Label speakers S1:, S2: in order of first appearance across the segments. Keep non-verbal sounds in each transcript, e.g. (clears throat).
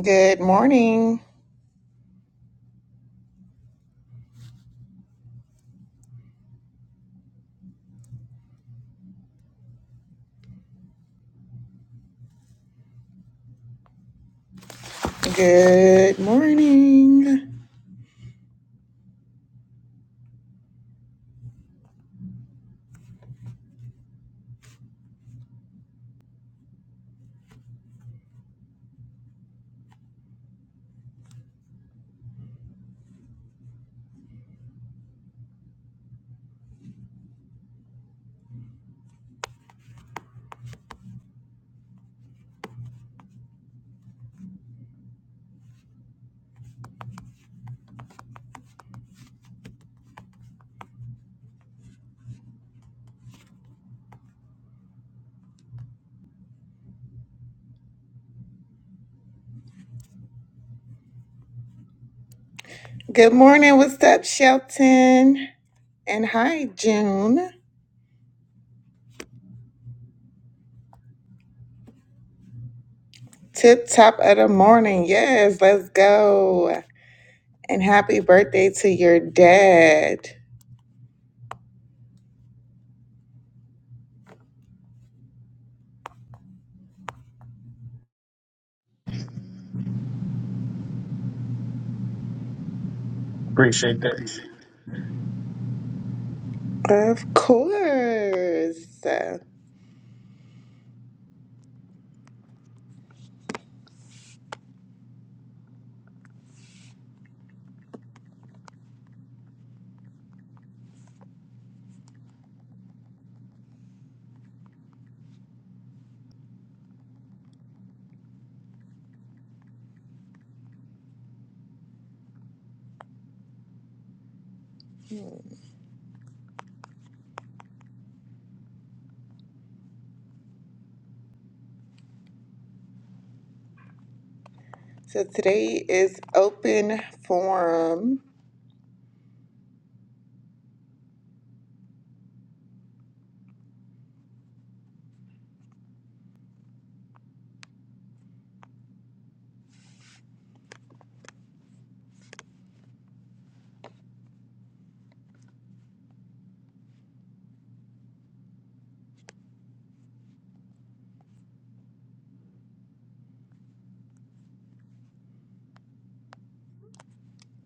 S1: Good morning. Good morning. Good morning. What's up, Shelton? And hi, June. Tip top of the morning. Yes, let's go. And happy birthday to your dad.
S2: Appreciate that.
S1: Of course. So today is open forum.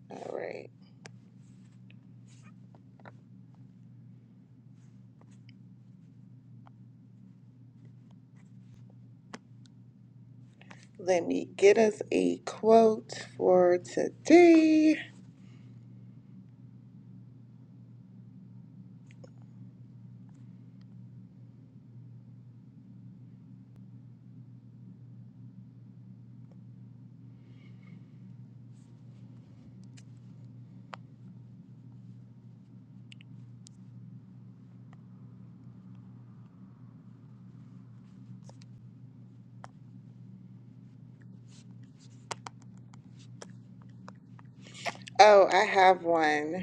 S1: All right. Let me get us a quote for today. Oh, I have one.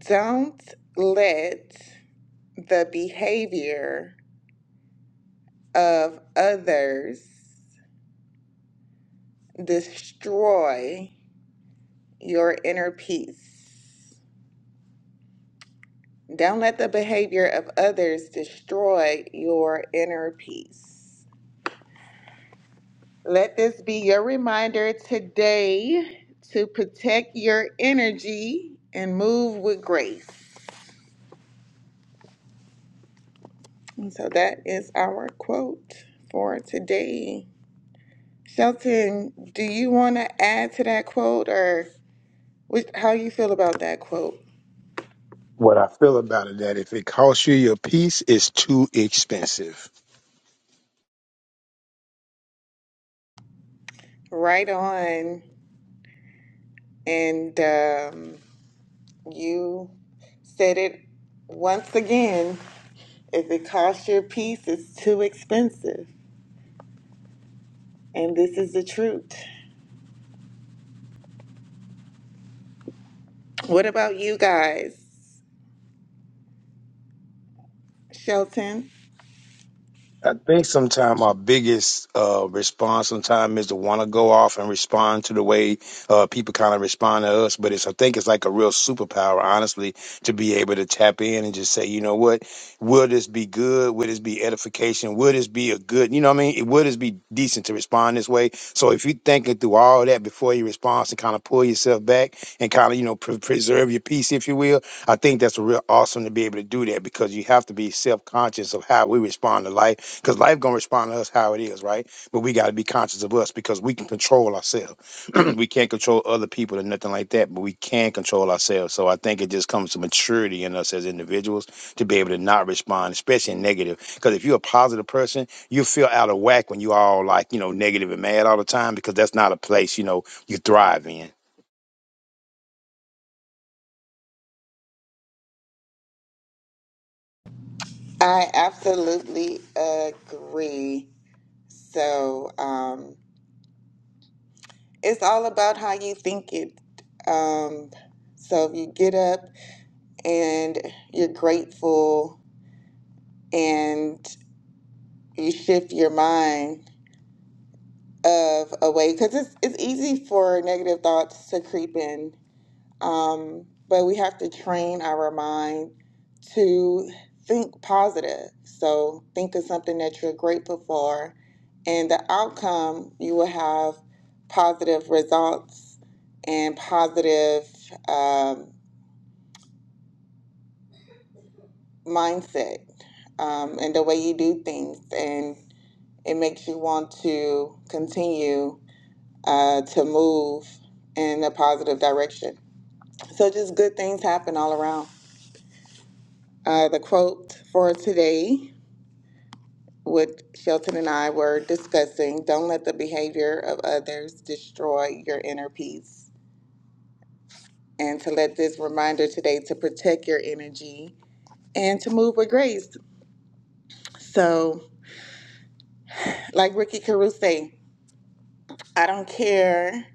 S1: Don't let the behavior of others destroy your inner peace. Don't let the behavior of others destroy your inner peace. Let this be your reminder today to protect your energy and move with grace. And so that is our quote for today. Shelton, do you want to add to that quote or what, how you feel about that quote?
S2: What I feel about it that if it costs you your peace, it's too expensive.
S1: Right on. And um, you said it once again. If it costs your piece, it's too expensive. And this is the truth. What about you guys, Shelton?
S2: I think sometimes our biggest uh, response sometimes is to want to go off and respond to the way uh, people kind of respond to us. But it's I think it's like a real superpower, honestly, to be able to tap in and just say, you know what, will this be good? Will this be edification? Will this be a good? You know what I mean? Will this be decent to respond this way? So if you're thinking through all that before you respond and kind of pull yourself back and kind of you know pre- preserve your peace, if you will, I think that's real awesome to be able to do that because you have to be self conscious of how we respond to life because life gonna respond to us how it is, right? But we gotta be conscious of us because we can control ourselves. (clears throat) we can't control other people and nothing like that, but we can control ourselves. So I think it just comes to maturity in us as individuals to be able to not respond, especially in negative. Because if you're a positive person, you feel out of whack when you all like you know negative and mad all the time because that's not a place you know you thrive in.
S1: I absolutely agree. So um, it's all about how you think it. Um, so if you get up and you're grateful and you shift your mind of away because it's, it's easy for negative thoughts to creep in um, but we have to train our mind to think positive so think of something that you're grateful for and the outcome you will have positive results and positive um, mindset um, and the way you do things. and It makes you want to continue uh, to move in a positive direction. So, just good things happen all around. Uh, the quote for today, what Shelton and I were discussing don't let the behavior of others destroy your inner peace. And to let this reminder today to protect your energy and to move with grace. So, like Ricky Caruso, I don't care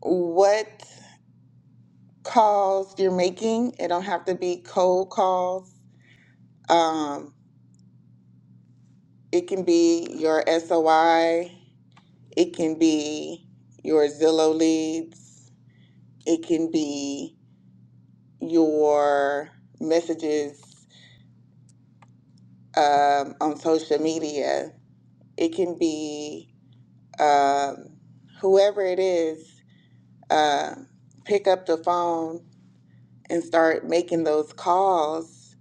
S1: what calls you're making. It don't have to be cold calls. Um, it can be your SOI. It can be your Zillow leads. It can be your messages um, on social media. It can be um, whoever it is. Uh, pick up the phone and start making those calls,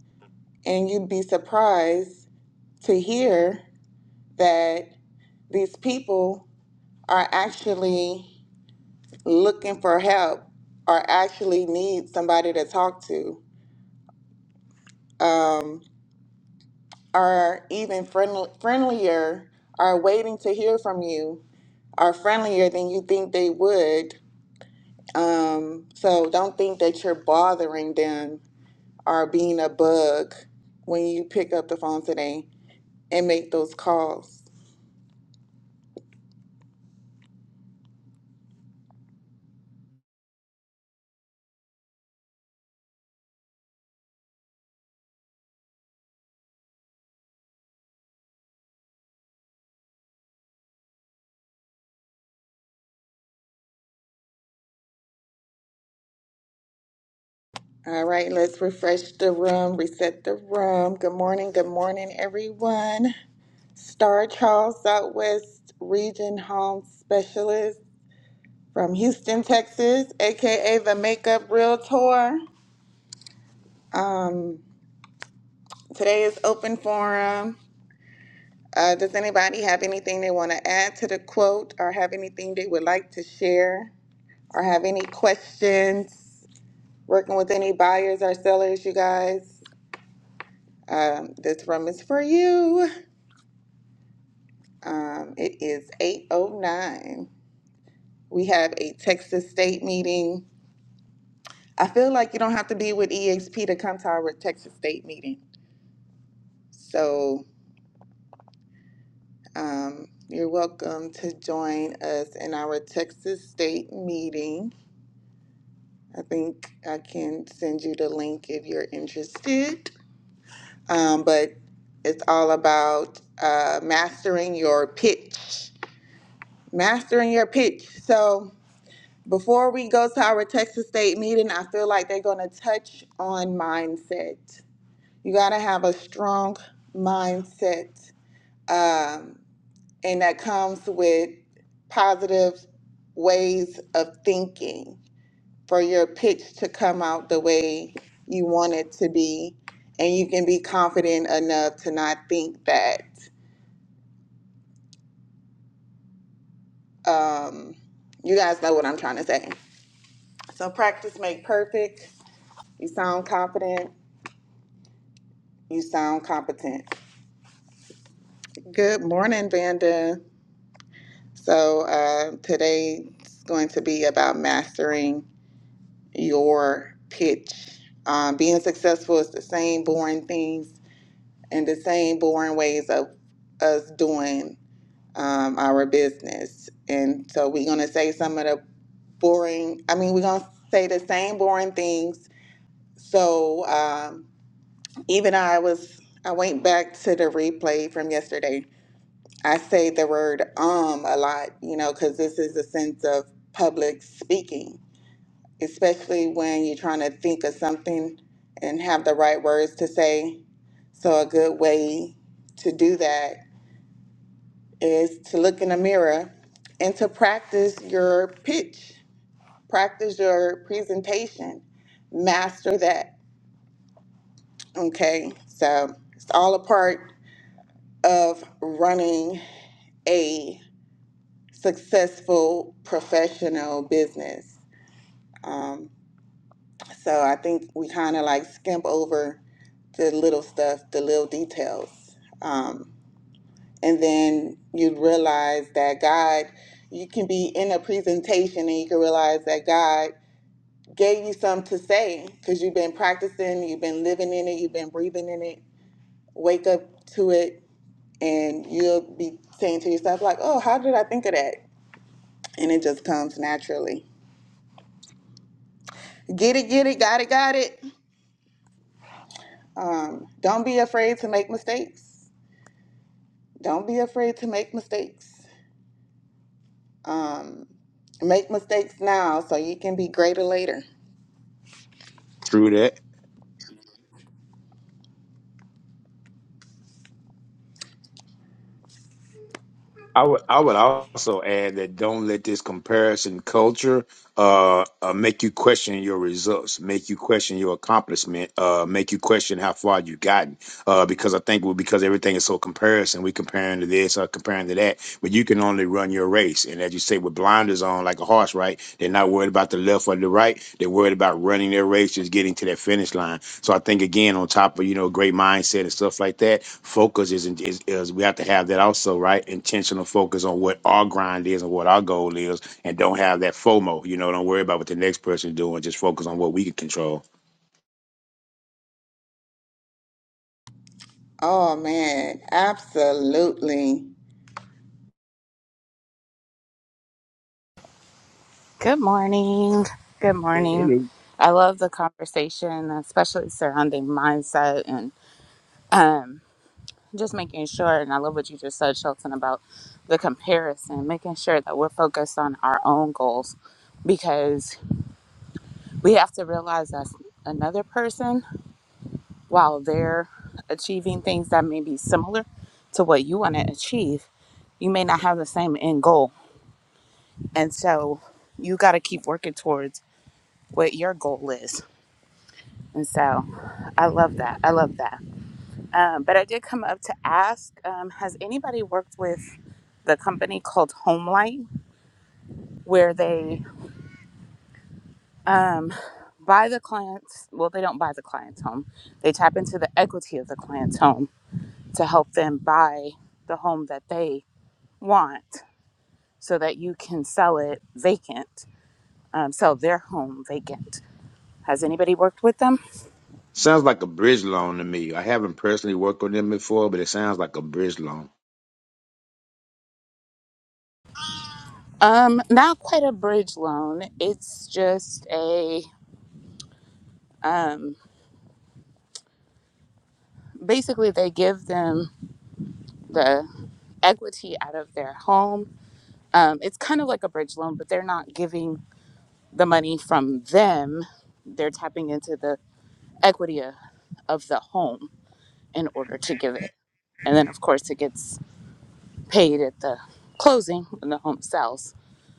S1: and you'd be surprised to hear. that these people are actually looking for help or actually need somebody to talk to um, are even friendly, friendlier are waiting to hear from you are friendlier than you think they would um, so don't think that you're bothering them or being a bug when you pick up the phone today and make those calls All right, let's refresh the room, reset the room. Good morning, good morning, everyone. Star Charles Southwest Region Home Specialist from Houston, Texas, aka the Makeup Realtor. Today is open forum. Uh, does anybody have anything they want to add to the quote or have anything they would like to share or have any questions? Working with any buyers or sellers, you guys, um, this room is for you. Um, it is 8.09. We have a Texas State meeting. I feel like you don't have to be with EXP to come to our Texas State meeting. So um, you're welcome to join us in our Texas State meeting. I think I can send you the link if you're interested. Um, but it's all about uh, mastering your pitch. Mastering your pitch. So Before we go to our Texas State meeting, I feel like they're going to touch on mindset. You got to have a strong mindset, um, and that comes with positive ways of thinking for your pitch to come out the way you want it to be. And you can be confident enough to not think that. Um, you guys know what I'm trying to say. So, practice make perfect. You sound confident You sound competent. Good morning, Vanda. So uh, today's going to be about mastering your pitch. Um, being successful is the same boring things and the same boring ways of us doing um, our business. And so we're going to say some of the boring, I mean, we're going to say the same boring things. So um, even I was, I went back to the replay from yesterday I say the word um a lot, you know, because this is a sense of public speaking, especially when you're trying to think of something and have the right words to say. So, a good way to do that is to look in the mirror and to practice your pitch, practice your presentation, master that. Okay, so it's all a part of running a. successful professional business. Um, so I think we kind of like skimp over the little stuff, the little details. Um, and then you realize that God, you can be in a presentation and you can realize that God gave you something to say because you've been practicing, you've been living in it, you've been breathing in it. Wake up to it, and you'll be saying to yourself, like, oh, how did I think of that? And it just comes naturally. Get it, get it, got it, got it. Um, don't be afraid to make mistakes. Don't be afraid to make mistakes. Um, make mistakes now so you can be greater later.
S2: True that. I would I would also add that don't let this comparison culture uh, uh make you question your results, make you question your accomplishment, uh make you question how far you gotten uh, because I think we because everything is so comparison. We comparing to this, uh, comparing to that, but you can only run your race. And as you say, with blinders on, like a horse, right? They're not worried about the left or the right. They're worried about running their race, just getting to that finish line. So I think again, on top of you know great mindset and stuff like that, focus is, is is we have to have that also, right? Intentional focus on what our grind is and what our goal is, and don't have that FOMO. You know, don't worry about what the next person is doing. Just focus on what we can control.
S1: Oh man, absolutely.
S3: Good morning. Good morning. I love the conversation, especially surrounding mindset and um, just making sure. And I love what you just said, Shelton, about the comparison, making sure that we're focused on our own goals because we have to realize that another person, while they're achieving things that may be similar to what you want to achieve, you may not have the same end goal. And so you got to keep working towards what your goal is And so I love that. I love that. Um, but I did come up to ask um, Has anybody worked with the company called Homelight, where they um, buy the clients? Well, they don't buy the client's home, they tap into the equity of the client's home to help them buy the home that they want so that you can sell it vacant, um, sell their home vacant. Has anybody worked with them?
S2: Sounds like a bridge loan to me. I haven't personally worked on them before, but it sounds like a bridge loan.
S3: Um, not quite a bridge loan. It's just a basically they give them the equity out of their home. Um, it's kind of like a bridge loan, but they're not giving the money from them. They're tapping into the equity of, of the home in order to give it. And then, of course, it gets paid at the closing when the home sells.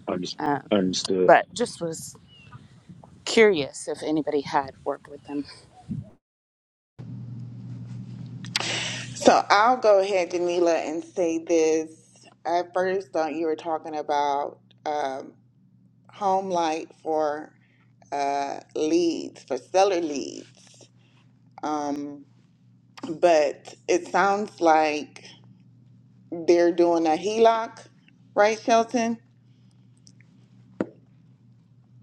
S2: Unders-
S3: Um,
S2: un-
S3: but just was curious if anybody had worked with them
S1: So I'll go ahead, Danila, and say this. I first thought you were talking about um, home light for uh, leads, for seller leads. Um, but it sounds like they're doing a HELOC, right, Shelton?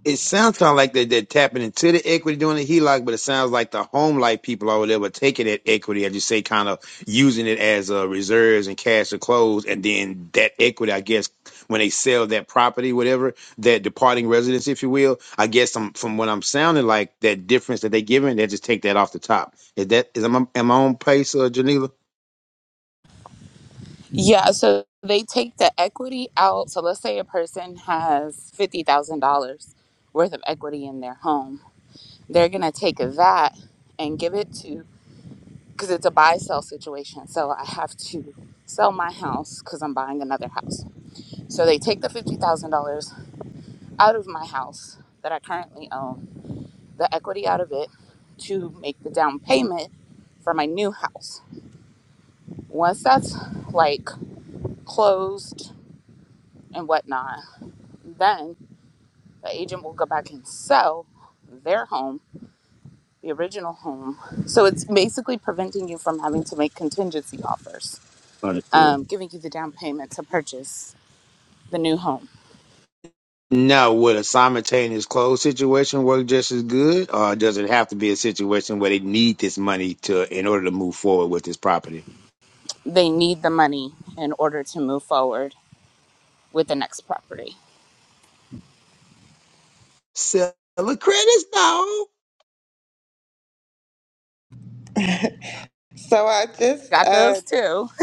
S2: It sounds kind of like they, they're tapping into the equity doing the HELOC, but it sounds like the home life people over there were taking that equity, as you say, kind of using it as uh, reserves and cash to close. And then that equity, I guess, when they sell that property, whatever, that departing residence, if you will, I guess i from what I'm sounding like, that difference that they giving, they just take that off the top. Is that, is am I, am I on pace, uh, Janila?
S3: Yeah, so they take the equity out. So let's say a person has $50,000 worth of equity in their home. They're going to take that and give it to, because it's a buy sell situation. So I have to sell my house because I'm buying another house. So they take the $50,000 out of my house that I currently own, the equity out of it to make the down payment for my new house. Once that's like closed and whatnot, The agent will go back and sell their home, the original home. So it's basically preventing you from having to make contingency offers, um, giving you the down payment to purchase the new home.
S2: Now, would a simultaneous close situation work just as good, or does it have to be a situation where they need this money to in order to move forward with this property?
S3: They need the money in order to move forward with the next property.
S2: Sell the credits, dog.
S1: So I just
S3: Got those
S1: uh,
S3: too. (laughs)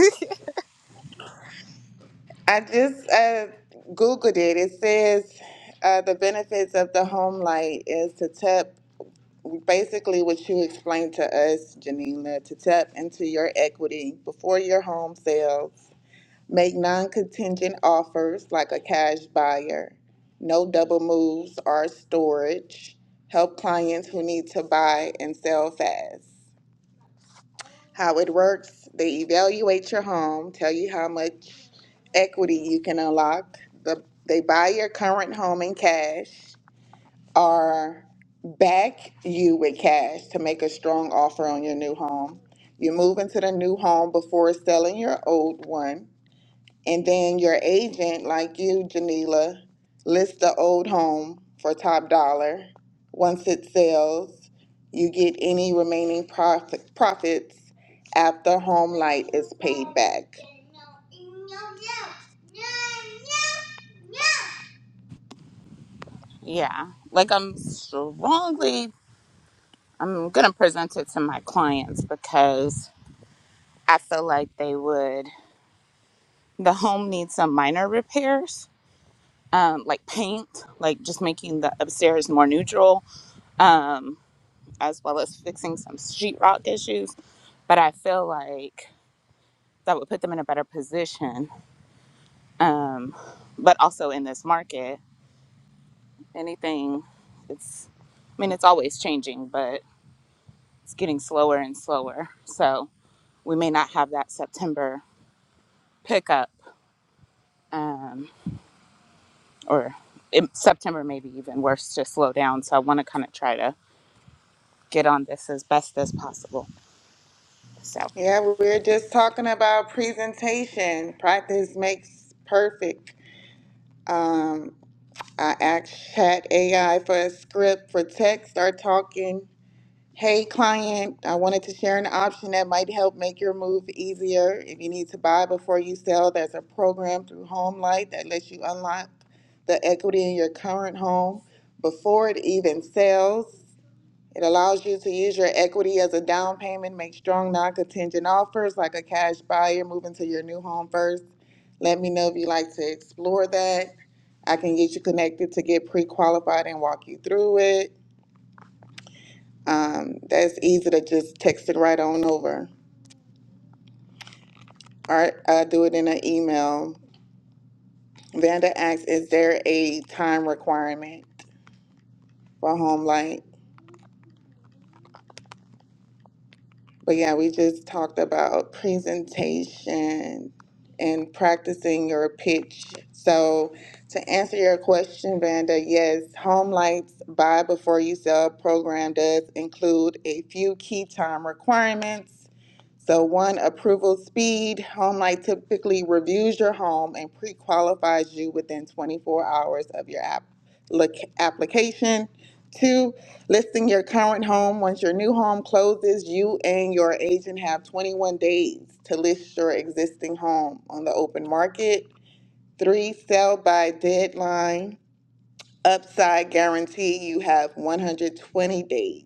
S1: I just uh, googled it. It says uh, the benefits of the home light is to tap basically what you explained to us, Janina, to tap into your equity before your home sells. Make non-contingent offers like a cash buyer. No double moves or storage. Help clients who need to buy and sell fast. how it works. They evaluate your home, tell you how much equity you can unlock. The, they buy your current home in cash or back you with cash to make a strong offer on your new home. You move into the new home before selling your old one. And then your agent, like you, Janila, lists the old home for top dollar. Once it sells, you get any remaining profit, profits after home light is paid back.
S3: Yeah. Like I'm strongly I'm gonna present it to my clients because I feel like they would the home needs some minor repairs um, like paint, like just making the upstairs more neutral, um, as well as fixing some sheetrock issues. But I feel like that would put them in a better position. Um, but also in this market, anything, it's, I mean, it's always changing, but it's getting slower and slower. So we may not have that September pickup, um, or in September, maybe even worse, to slow down. So I want to kind of try to get on this as best as possible. So
S1: Yeah, we we're just talking about presentation. Practice makes perfect. Um, I asked Chat AI for a script for text or talking Hey, client, I wanted to share an option that might help make your move easier. If you need to buy before you sell, there's a program through HomeLight that lets you unlock the equity in your current home before it even sells. It allows you to use your equity as a down payment, make strong non contingent offers like a cash buyer moving to your new home first. Let me know if you'd like to explore that. I can get you connected to get pre qualified and walk you through it. Um, that's easy to just text it right on over. Or I do it in an email. Vanda asks, is there a time requirement for home light? But yeah, we just talked about presentation and practicing your pitch. So to answer your question, Vanda, yes, Home Light's buy before you sell program does include a few key time requirements So one, approval speed. HomeLight typically reviews your home and pre-qualifies you within 24 hours of your app, look, application. Two, listing your current home. Once your new home closes, you and your agent have 21 days to list your existing home on the open market. Three, sell by deadline. Upside guarantee, you have 120 days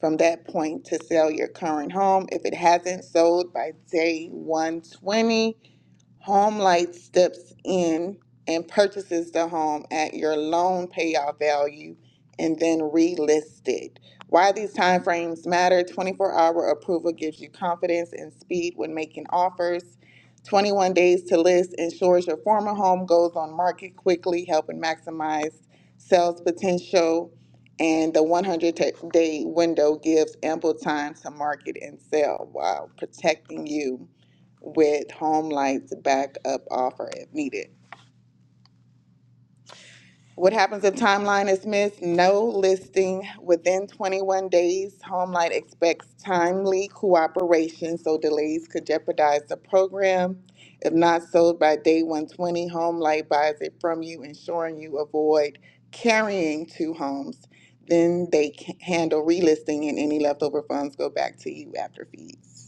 S1: from that point to sell your current home. If it hasn't sold by day 120, HomeLight steps in and purchases the home at your loan payoff value and then relist it. Why these timeframes matter 24 hour approval gives you confidence and speed when making offers. 21 days to list ensures your former home goes on market quickly, helping maximize sales potential. And the 100 day window gives ample time to market and sell while protecting you with Home Light's backup offer if needed. What happens if timeline is missed? No listing within 21 days. Home Light expects timely cooperation, so delays could jeopardize the program. If not sold by day 120, Home Light buys it from you, ensuring you avoid carrying two homes. Then they can handle relisting, and any leftover funds go back to you after fees.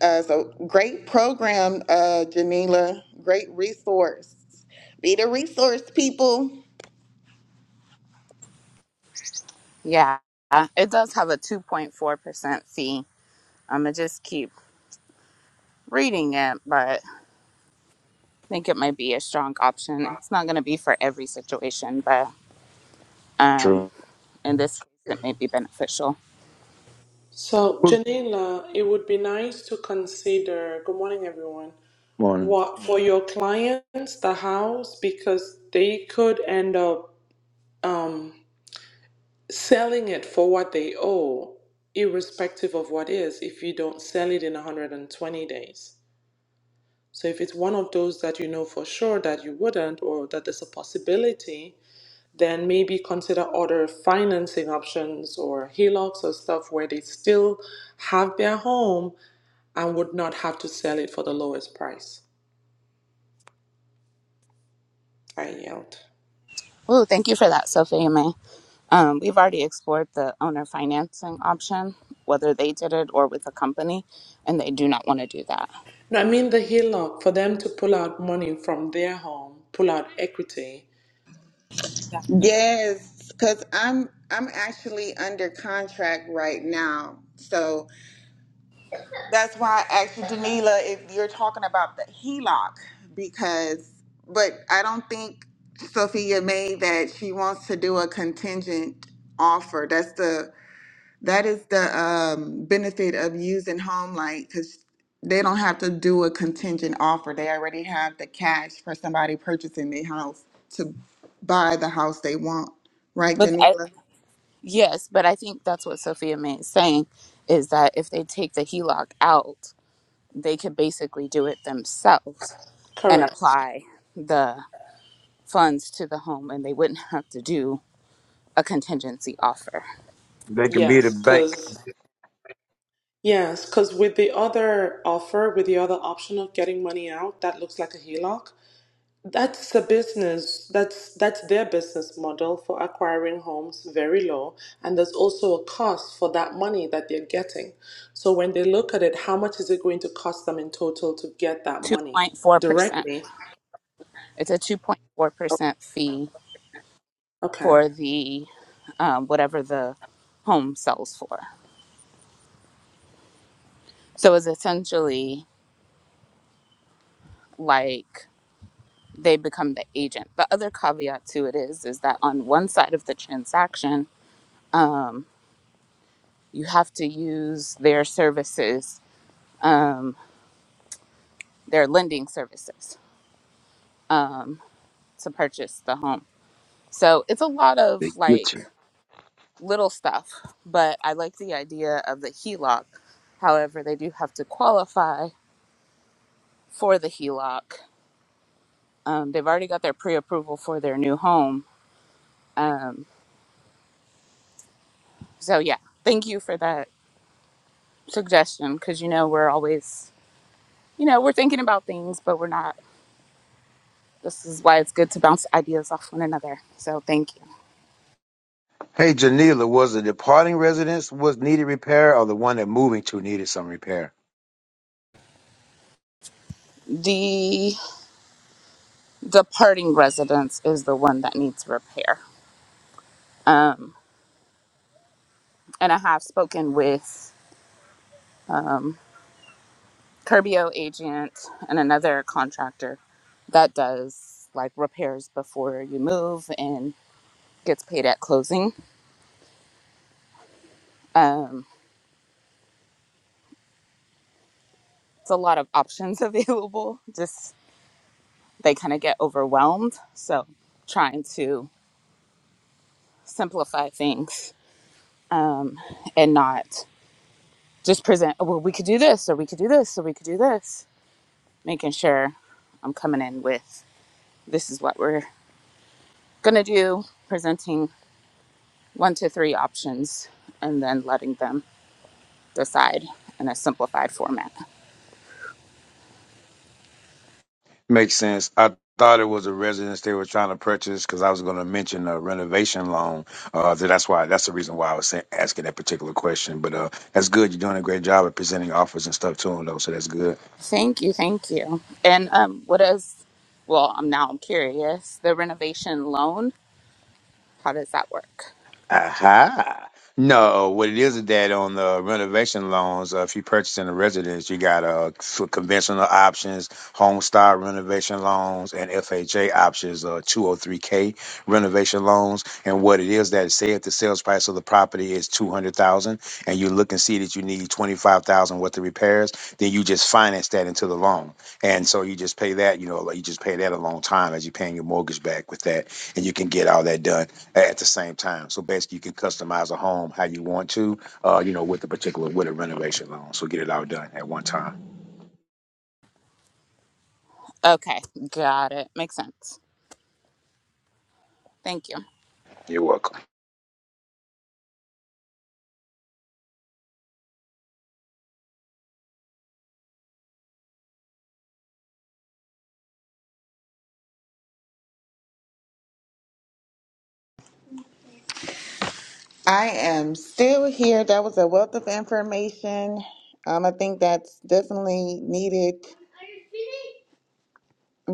S1: Uh, so great program, uh, Janila. Great resource. Be the resource, people.
S3: yeah, uh, it does have a 2.4% fee. I'm gonna just keep reading it, but I think it might be a strong option. It's not gonna be for every situation, but um,
S2: True.
S3: in this case, it may be beneficial.
S4: So,
S2: Good
S4: Janela, it would be nice to consider, good morning, everyone,
S2: morning.
S4: what for your clients, the house, because they could end up um, selling it for what they owe, irrespective of what is, if you don't sell it in 120 days. So, if it's one of those that you know for sure that you wouldn't, or that there's a possibility, then maybe consider other financing options or HELOCs or stuff where they still have their home and would not have to sell it for the lowest price. I yelled.
S3: Ooh, thank you for that, Sophie and May. Um, we've already explored the owner financing option, whether they did it or with a company, and they do not want to do that.
S4: No, I mean the HELOC for them to pull out money from their home, pull out equity. Yeah.
S1: Yes, because I'm I'm actually under contract right now. So that's why I asked you, Janila, if you're talking about the HELOC, because but I don't think Sophia made that she wants to do a contingent offer. That's the That is the um, benefit of using Home Light because they don't have to do a contingent offer. They already have the cash for somebody purchasing the house to buy the house they want. Right,
S3: But I,
S1: Janila?
S3: yes, but I think that's what Sophia May is saying is that if they take the HELOC out they could basically do it themselves and
S4: Correct.
S3: apply the funds to the home and they wouldn't have to do a contingency offer.
S2: They can be the
S4: Yes,
S2: bank.
S4: because yes, because with the other offer, with the other option of getting money out, that looks like a HELOC. That's a business. That's that's their business model for acquiring homes, very low, and there's also a cost for that money that they're getting. So when they look at it, how much is it going to cost them in total to get that money
S3: 2.4%.
S4: directly?
S3: It's a 2.4% fee
S4: Okay.
S3: for the um, whatever the home sells for. So it's essentially like they become the agent. The other caveat to it is is that on one side of the transaction, um, you have to use their services, um, their lending services. um, to purchase the home. So it's a lot of
S2: They get
S3: like
S2: you.
S3: little stuff, but I like the idea of the HELOC. However, they do have to qualify for the HELOC. Um, they've already got their pre approval for their new home. Um, so, yeah, thank you for that suggestion because you know, we're always, you know, we're thinking about things, but we're not. This is why it's good to bounce ideas off one another. So, thank you.
S2: Hey, Janila, was the departing residence was needed repair, or the one that moving to needed some repair?
S3: The departing residence is the one that needs repair. Um, and I have spoken with um, Curbio agent and another contractor that does like repairs before you move and gets paid at closing. Um, it's a lot of options (laughs) available. Just they kind of get overwhelmed. So trying to simplify things um, and not just present. "Oh, Well, we could do this, or we could do this, or we could do this. Making sure I'm coming in with this is what we're gonna do. Presenting one to three options and then letting them decide in a simplified format.
S2: Makes sense. I thought it was a residence they were trying to purchase because I was going to mention a renovation loan. Uh, so that's why that's the reason why I was sa- asking that particular question. But uh, that's good. You're doing a great job at presenting offers and stuff to them, though. So that's good.
S3: Thank you, thank you. And um, what is, well, I'm now I'm curious, the renovation loan, how does that work?
S2: Aha. No, what it is is that on the renovation loans, uh, if you're purchasing a residence, you got uh, for conventional options, home style renovation loans, and FHA options, uh, 203K renovation loans. And what it is that, say if the sales price of the property is 200000 and you look and see that you need 25000 worth of repairs, then you just finance that into the loan. And so you just pay that, you know, like you just pay that a long time as you're paying your mortgage back with that, and you can get all that done at the same time. So basically, you can customize a home how you want to, uh, you know, with a particular with a renovation loan. So get it all done at one time.
S3: Okay, got it. Makes sense. Thank you.
S2: You're welcome.
S1: I am still here. That was a wealth of information. Um, I think that's definitely needed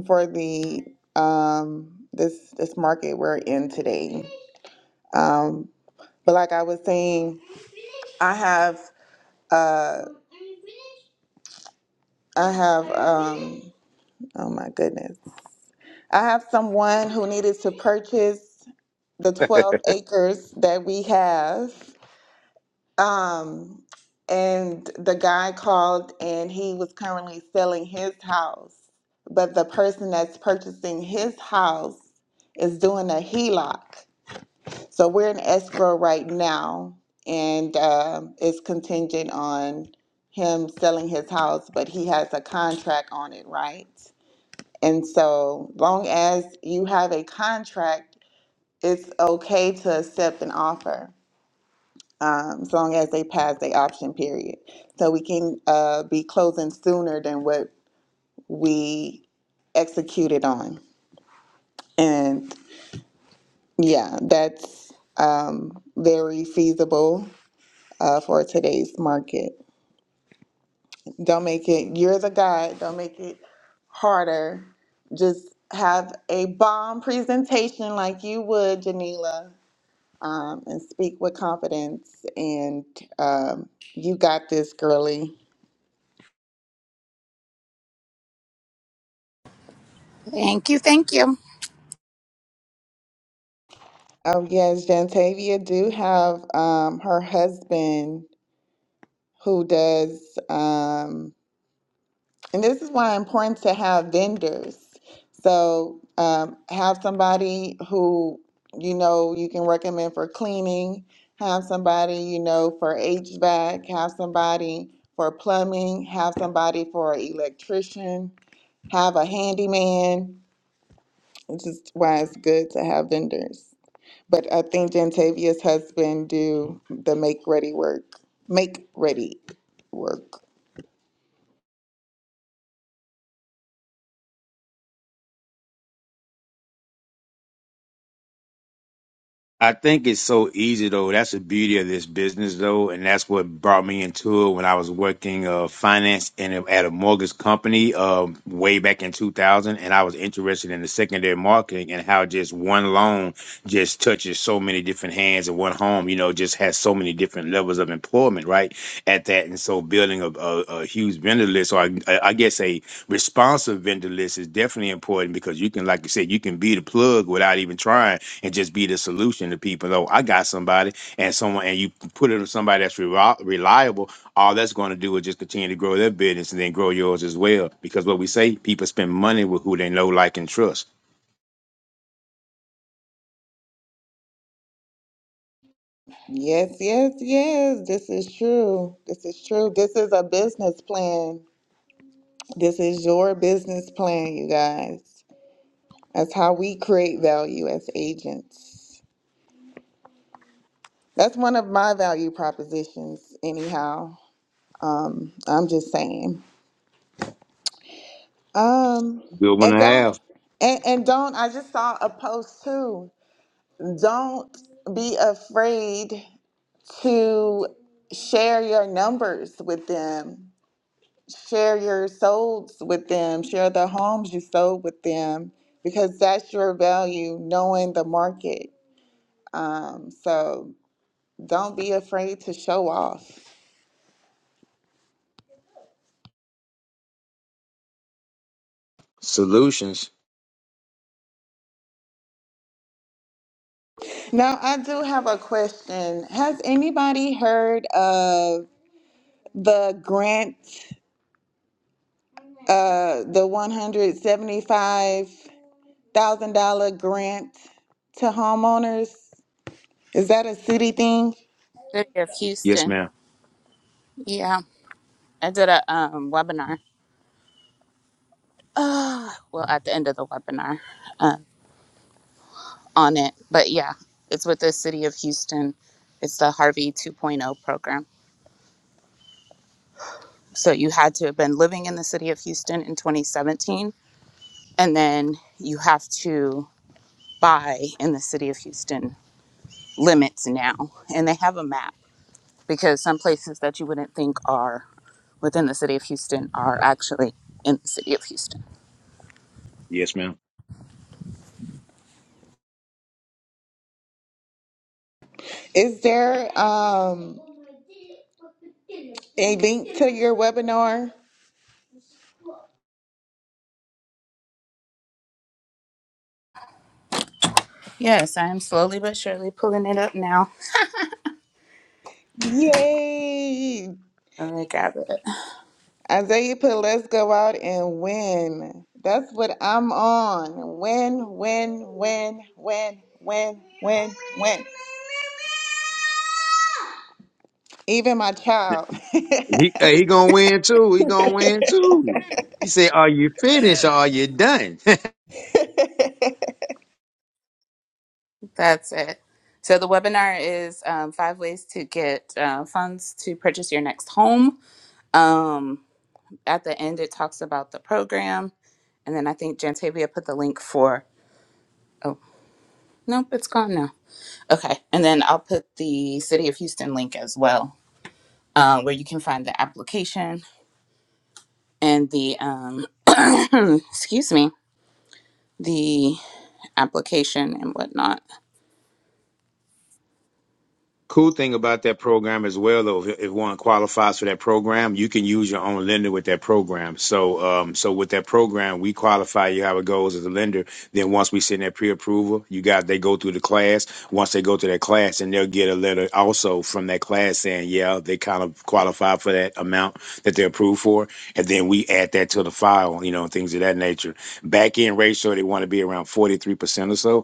S1: for the um, this this market we're in today. Um, but like I was saying, I have uh, I have. Um, Oh my goodness. I have someone who needed to purchase the
S2: (laughs)
S1: 12 acres that we have. Um, and the guy called and he was currently selling his house. But the person that's purchasing his house is doing a HELOC. So we're in escrow right now and um it's contingent on him selling his house, but he has a contract on it, right? And so, long as you have a contract, it's okay to accept an offer, um, as long as they pass the option period. So we can uh, be closing sooner than what we executed on. And yeah, that's um, very feasible uh, for today's market. Don't make it, you're the guy, don't make it harder. Just have a bomb presentation like you would, Janila um, and speak with confidence. And um, you got this, girlie.
S3: Thank you, thank you.
S1: Oh, yes, Jantavia do have um, her husband who does, um, and this is why it's important to have vendors. So um, have somebody who you know you can recommend for cleaning, have somebody you know for HVAC, have somebody for plumbing, have somebody for electrician, have a handyman which is why it's good to have vendors. But I think Jantavia's husband do the make ready work. Make ready work.
S2: I think it's so easy though. That's the beauty of this business though, and that's what brought me into it when I was working uh, finance and at a mortgage company um, way back in 2000, and I was interested in the secondary marketing and how just one loan just touches so many different hands and one home, you know, just has so many different levels of employment, right? At that, and so building a, a, a huge vendor list, or I, I guess a responsive vendor list, is definitely important because you can, like you said, you can be the plug without even trying and just be the solution to people. Though I got somebody and someone, and you put it on somebody that's reli- reliable, all that's going to do is just continue to grow their business and then grow yours as well. Because what we say, people spend money with who they know, like, and trust.
S1: Yes, yes, yes. This is true. This is true. This is a business plan. This is your business plan, you guys. That's how we create value as agents. That's one of my value propositions, anyhow. Um, I'm just saying. Um,
S2: Good one to
S1: and don't
S2: have
S1: and, and don't I just saw a post too. Don't be afraid to share your numbers with them, share your souls with them, share the homes you sold with them, because that's your value, knowing the market. Um, so don't be afraid to show off.
S2: solutions.
S1: Now, I do have a question. Has anybody heard of the grant? uh, the $175,000 grant to homeowners? Is that a city thing?
S3: City of
S2: Yes,
S3: Houston.
S2: ma'am.
S3: Yeah, I did a um, webinar. Uh, well, at the end of the webinar uh, on it. But yeah, it's with the City of Houston. It's the Harvey 2.0 Point Oh program. So you had to have been living in the city of Houston in 2017, and then you have to buy in the city of Houston limits now. And they have a map because some places that you wouldn't think are within the city of Houston are actually in the city of Houston.
S2: Yes, ma'am.
S1: Is there um, a link to your webinar?
S3: Yes, I am slowly but surely pulling it up now.
S1: Yay!
S3: Let me grab it.
S1: Isaiah put let's go out and win. That's what I'm on. Win, win, win, win, win, win, win. Even my child.
S2: He hey, he gonna win too. He gonna win too. He said, "Are you finished or are you done?"
S1: (laughs)
S3: That's it. So the webinar is um, five ways to get uh, funds to purchase your next home. Um, at the end, it talks about the program. And then I think Jantavia put the link for, oh, nope, it's gone now. Okay. And then I'll put the City of Houston link as well, uh, where you can find the application and the, um, (coughs) (clears throat) excuse me, the application and whatnot.
S2: Cool thing about that program as well, though, if, if one qualifies for that program, you can use your own lender with that program. So, um, so with that program, we qualify you how it goes as a lender. Then once we send that pre-approval, you got they go through the class. Once they go to that class, and they'll get a letter also from that class saying, yeah, they kind of qualify for that amount that they're approved for. And then we add that to the file, you know, things of that nature. Back end ratio, they want to be around forty-three percent or so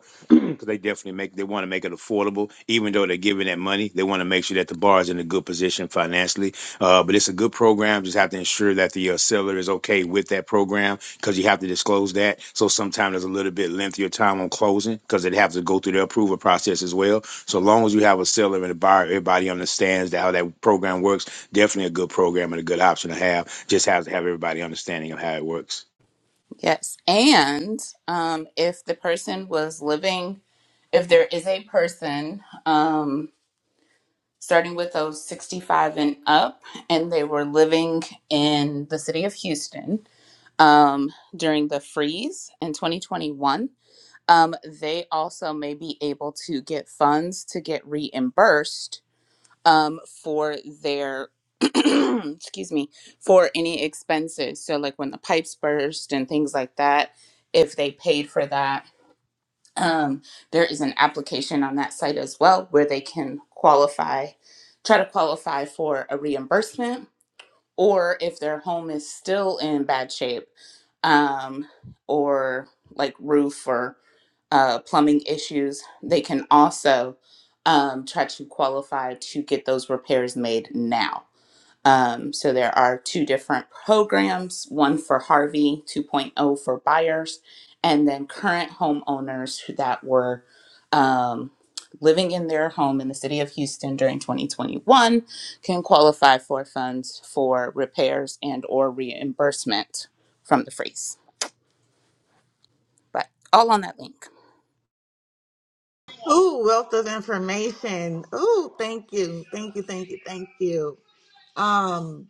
S2: because they definitely make they want to make it affordable. Even though they're giving that money, they want to make sure that the bar is in a good position financially. Uh, but it's a good program. Just have to ensure that the uh, seller is okay with that program because you have to disclose that. So sometimes there's a little bit lengthier time on closing because it has to go through the approval process as well. So long as you have a seller and a buyer, everybody understands that how that program works. Definitely a good program and a good option to have. Just have to have everybody understanding of how it works.
S3: Yes. And um, if the person was living, if there is a person, um, starting with those 65 and up, and they were living in the city of Houston um, during the freeze in 2021. Um, they also may be able to get funds to get reimbursed um, for their. (clears throat) excuse me for any expenses so like when the pipes burst and things like that if they paid for that um, there is an application on that site as well where they can qualify, try to qualify for a reimbursement, or if their home is still in bad shape, um, or like roof or uh, plumbing issues, they can also um, try to qualify to get those repairs made now. Um, so there are two different programs one for Harvey 2.0 for buyers, and then current homeowners who- that were um, living in their home in the city of Houston during 2021 can qualify for funds for repairs and or reimbursement from the freeze. But all on that link.
S1: Ooh, wealth of information. Ooh, thank you. Thank you. Thank you. Thank you. Um,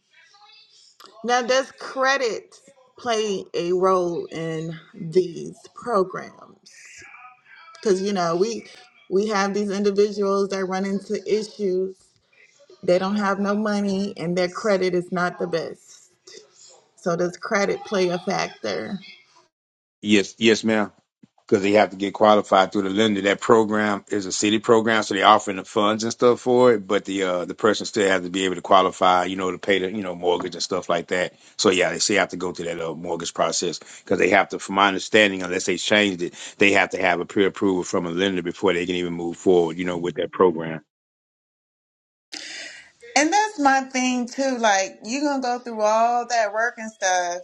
S1: now does credit play a role in these programs? Because you know, we we have these individuals that run into issues, they don't have no money and their credit is not the best. So does credit play a factor?
S2: Yes, yes, ma'am. because they have to get qualified through the lender. That program is a city program, so they're offering the funds and stuff for it, but the uh, the person still has to be able to qualify, you know, to pay the you know mortgage and stuff like that. So yeah, they still have to go through that uh, mortgage process because they have to, from my understanding, unless they changed it, they have to have a pre approval from a lender before they can even move forward, you know, with that program.
S1: And that's my thing too. Like you're gonna go through all that work and stuff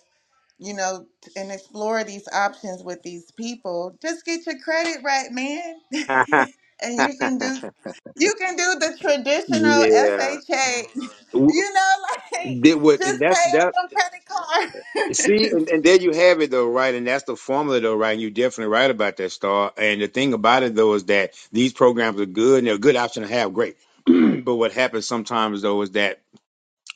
S1: you know, and explore these options with these people. Just get your credit right, man. (laughs)
S2: (laughs) yeah,
S1: and you can do you can do the traditional FHA. (laughs)
S2: W-
S1: You know, like
S2: did what? And
S1: just pay
S2: that's
S1: off
S2: that.
S1: them credit cards.
S2: See,
S1: (laughs)
S2: and, and there you have it though, right? And that's the formula though, right? And you're definitely right about that, Star. And the thing about it though is that these programs are good and they're a good option to have, great. (clears throat) but what happens sometimes though is that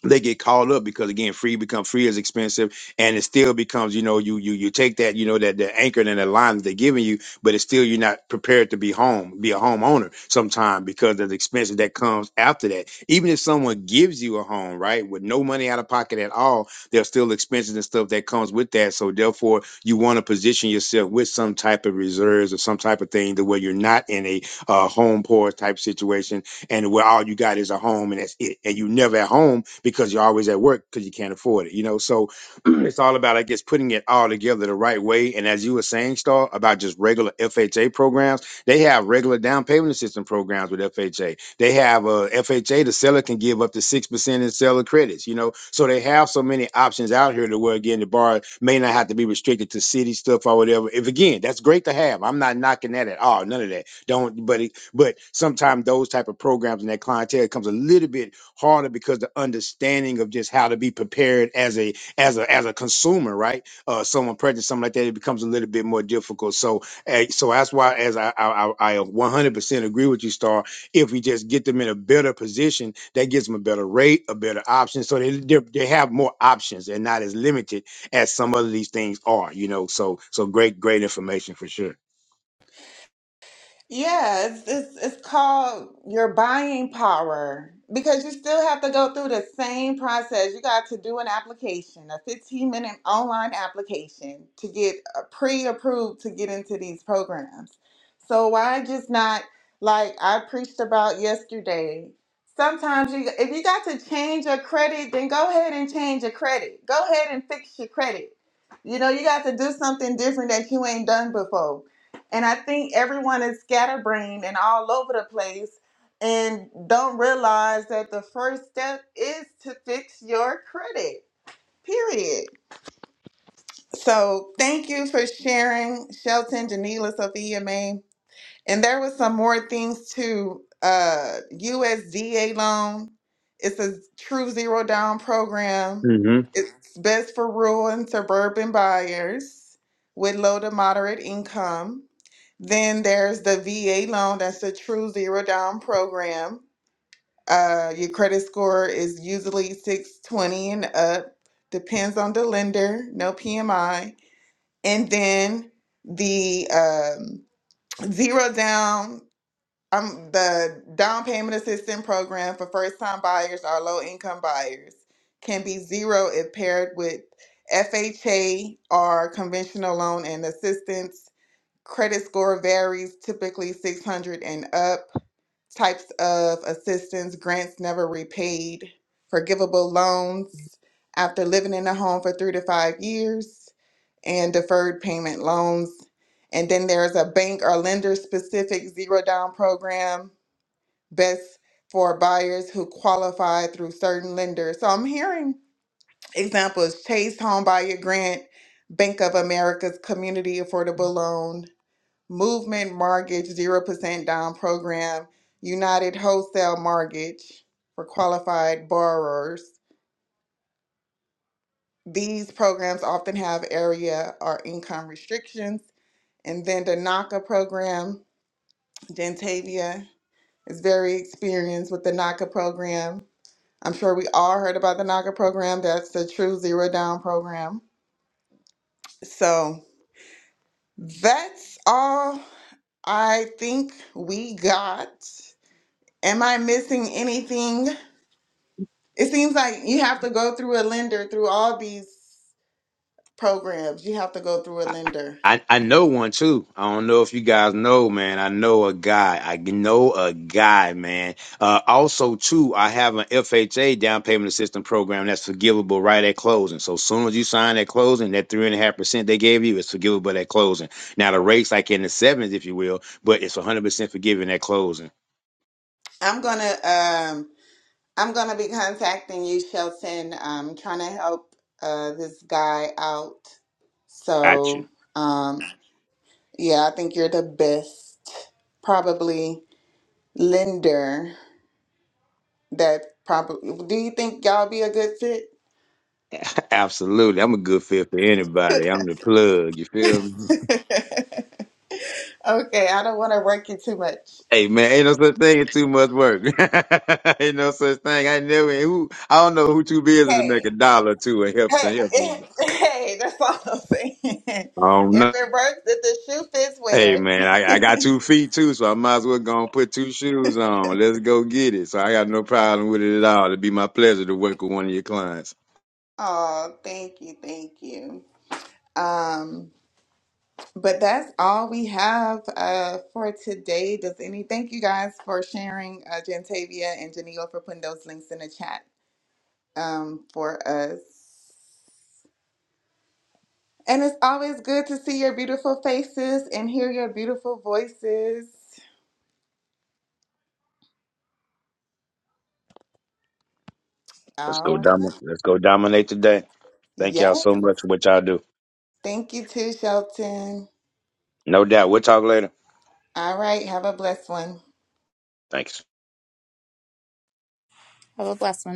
S2: they get called up because again, free become free is expensive, and it still becomes you know you you you take that you know that the anchor and the line that they're giving you, but it's still you're not prepared to be home, be a homeowner sometime because of the expenses that comes after that. Even if someone gives you a home, right, with no money out of pocket at all, there's still expenses and stuff that comes with that. So therefore, you want to position yourself with some type of reserves or some type of thing to where you're not in a uh, home poor type situation and where all you got is a home and that's it. And you never at home because you're always at work because you can't afford it, you know? So (clears throat) it's all about, I guess, putting it all together the right way. And as you were saying, Star, about just regular FHA programs, they have regular down payment assistance programs with FHA. They have a FHA, the seller can give up to 6% in seller credits, you know? So they have so many options out here to where, again, the borrower may not have to be restricted to city stuff or whatever. If again, that's great to have. I'm not knocking that at all, none of that don't but it- but sometimes those type of programs and that clientele comes a little bit harder because the understanding of just how to be prepared as a as a as a consumer right uh someone pregnant something like that it becomes a little bit more difficult so eh, so that's why as i i, I I 100% agree with you star if we just get them in a better position that gives them a better rate a better option so they they they have more options and not as limited as some of these things are you know so so great great information for sure
S1: Yeah, it's, it's it's called your buying power because you still have to go through the same process. You got to do an application, a 15 minute online application to get uh, pre-approved to get into these programs. So why just not like I preached about yesterday? Sometimes you if you got to change your credit, then go ahead and change your credit. Go ahead and fix your credit. You know, you got to do something different that you ain't done before and I think everyone is scatterbrained and all over the place and don't realize that the first step is to fix your credit, period. So thank you for sharing, Shelton, Janila, Sophia, Mae. And there was some more things too. Uh, USDA loan. It's a true zero down program. It's best for rural and suburban buyers with low to moderate income. Then there's the VA loan. That's a true zero down program. Uh, your credit score is usually 620 and up. Depends on the lender. No PMI. And then the um, zero down um the down payment assistance program for first time buyers or low income buyers can be zero if paired with FHA or conventional loan and assistance. Credit score varies, typically 600 and up. Types of assistance, grants never repaid, forgivable loans after living in a home for three to five years, and deferred payment loans. And then there's a bank or lender specific zero down program best for buyers who qualify through certain lenders. So I'm hearing examples Chase Homebuyer Grant, Bank of America's Community Affordable Loan, Movement Mortgage 0% Down Program, United Wholesale Mortgage for qualified borrowers. These programs often have area or income restrictions. And then the NACA program, Gentavia is very experienced with the NACA program I'm sure we all heard about the NACA program. That's the true zero down program. So that's all I think we got. Am I missing anything? It seems like you have to go through a lender through all these programs. You have to go through a
S2: I,
S1: lender.
S2: I I know one too. I don't know if you guys know, man. I know a guy. I know a guy, man. Uh, also, too, I have an FHA down payment assistance program that's forgivable right at closing. So soon as you sign at closing, that three and a half percent they gave you is forgivable at closing. Now the rates like in the sevens, if you will, but it's one hundred percent forgiving at closing.
S1: I'm gonna um I'm gonna be contacting you, Shelton. I'm trying to help uh this guy out.
S2: Gotcha.
S1: So um yeah, I think you're the best probably lender that probably do you think y'all be a good fit?
S2: (laughs) Absolutely, I'm a good fit for anybody. I'm the plug. You feel me?
S1: (laughs) okay, I don't want to work you too much.
S2: Hey man, ain't no such thing as too much work. (laughs) ain't no such thing. I never who I don't know who too busy to make a
S1: Hey,
S2: dollar to and help
S1: hey,
S2: to help.
S1: (laughs) eh, hey, that's all I'm saying. (laughs) if
S2: I don't know.
S1: it works, if the shoe fits,
S2: Hey
S1: wear
S2: man, I, I got
S1: it.
S2: two feet too, so I might as well go and put two shoes on. Let's go get it. So I got no problem with it at all. It'd be my pleasure to work with one of your clients.
S1: (laughs) oh, thank you, thank you. Um, but that's all we have uh for today. Does any thank you guys for sharing uh Jantavia and Janelle for putting those links in the chat um for us. And it's always good to see your beautiful faces and hear your beautiful voices.
S2: Let's go
S1: Oh,
S2: dominate. Let's go dominate today. Thank
S1: yes.
S2: y'all so much for what y'all do.
S1: Thank you too, Shelton.
S2: No doubt. We'll talk later.
S1: All right. Have a blessed one.
S2: Thanks.
S3: Have a blessed one.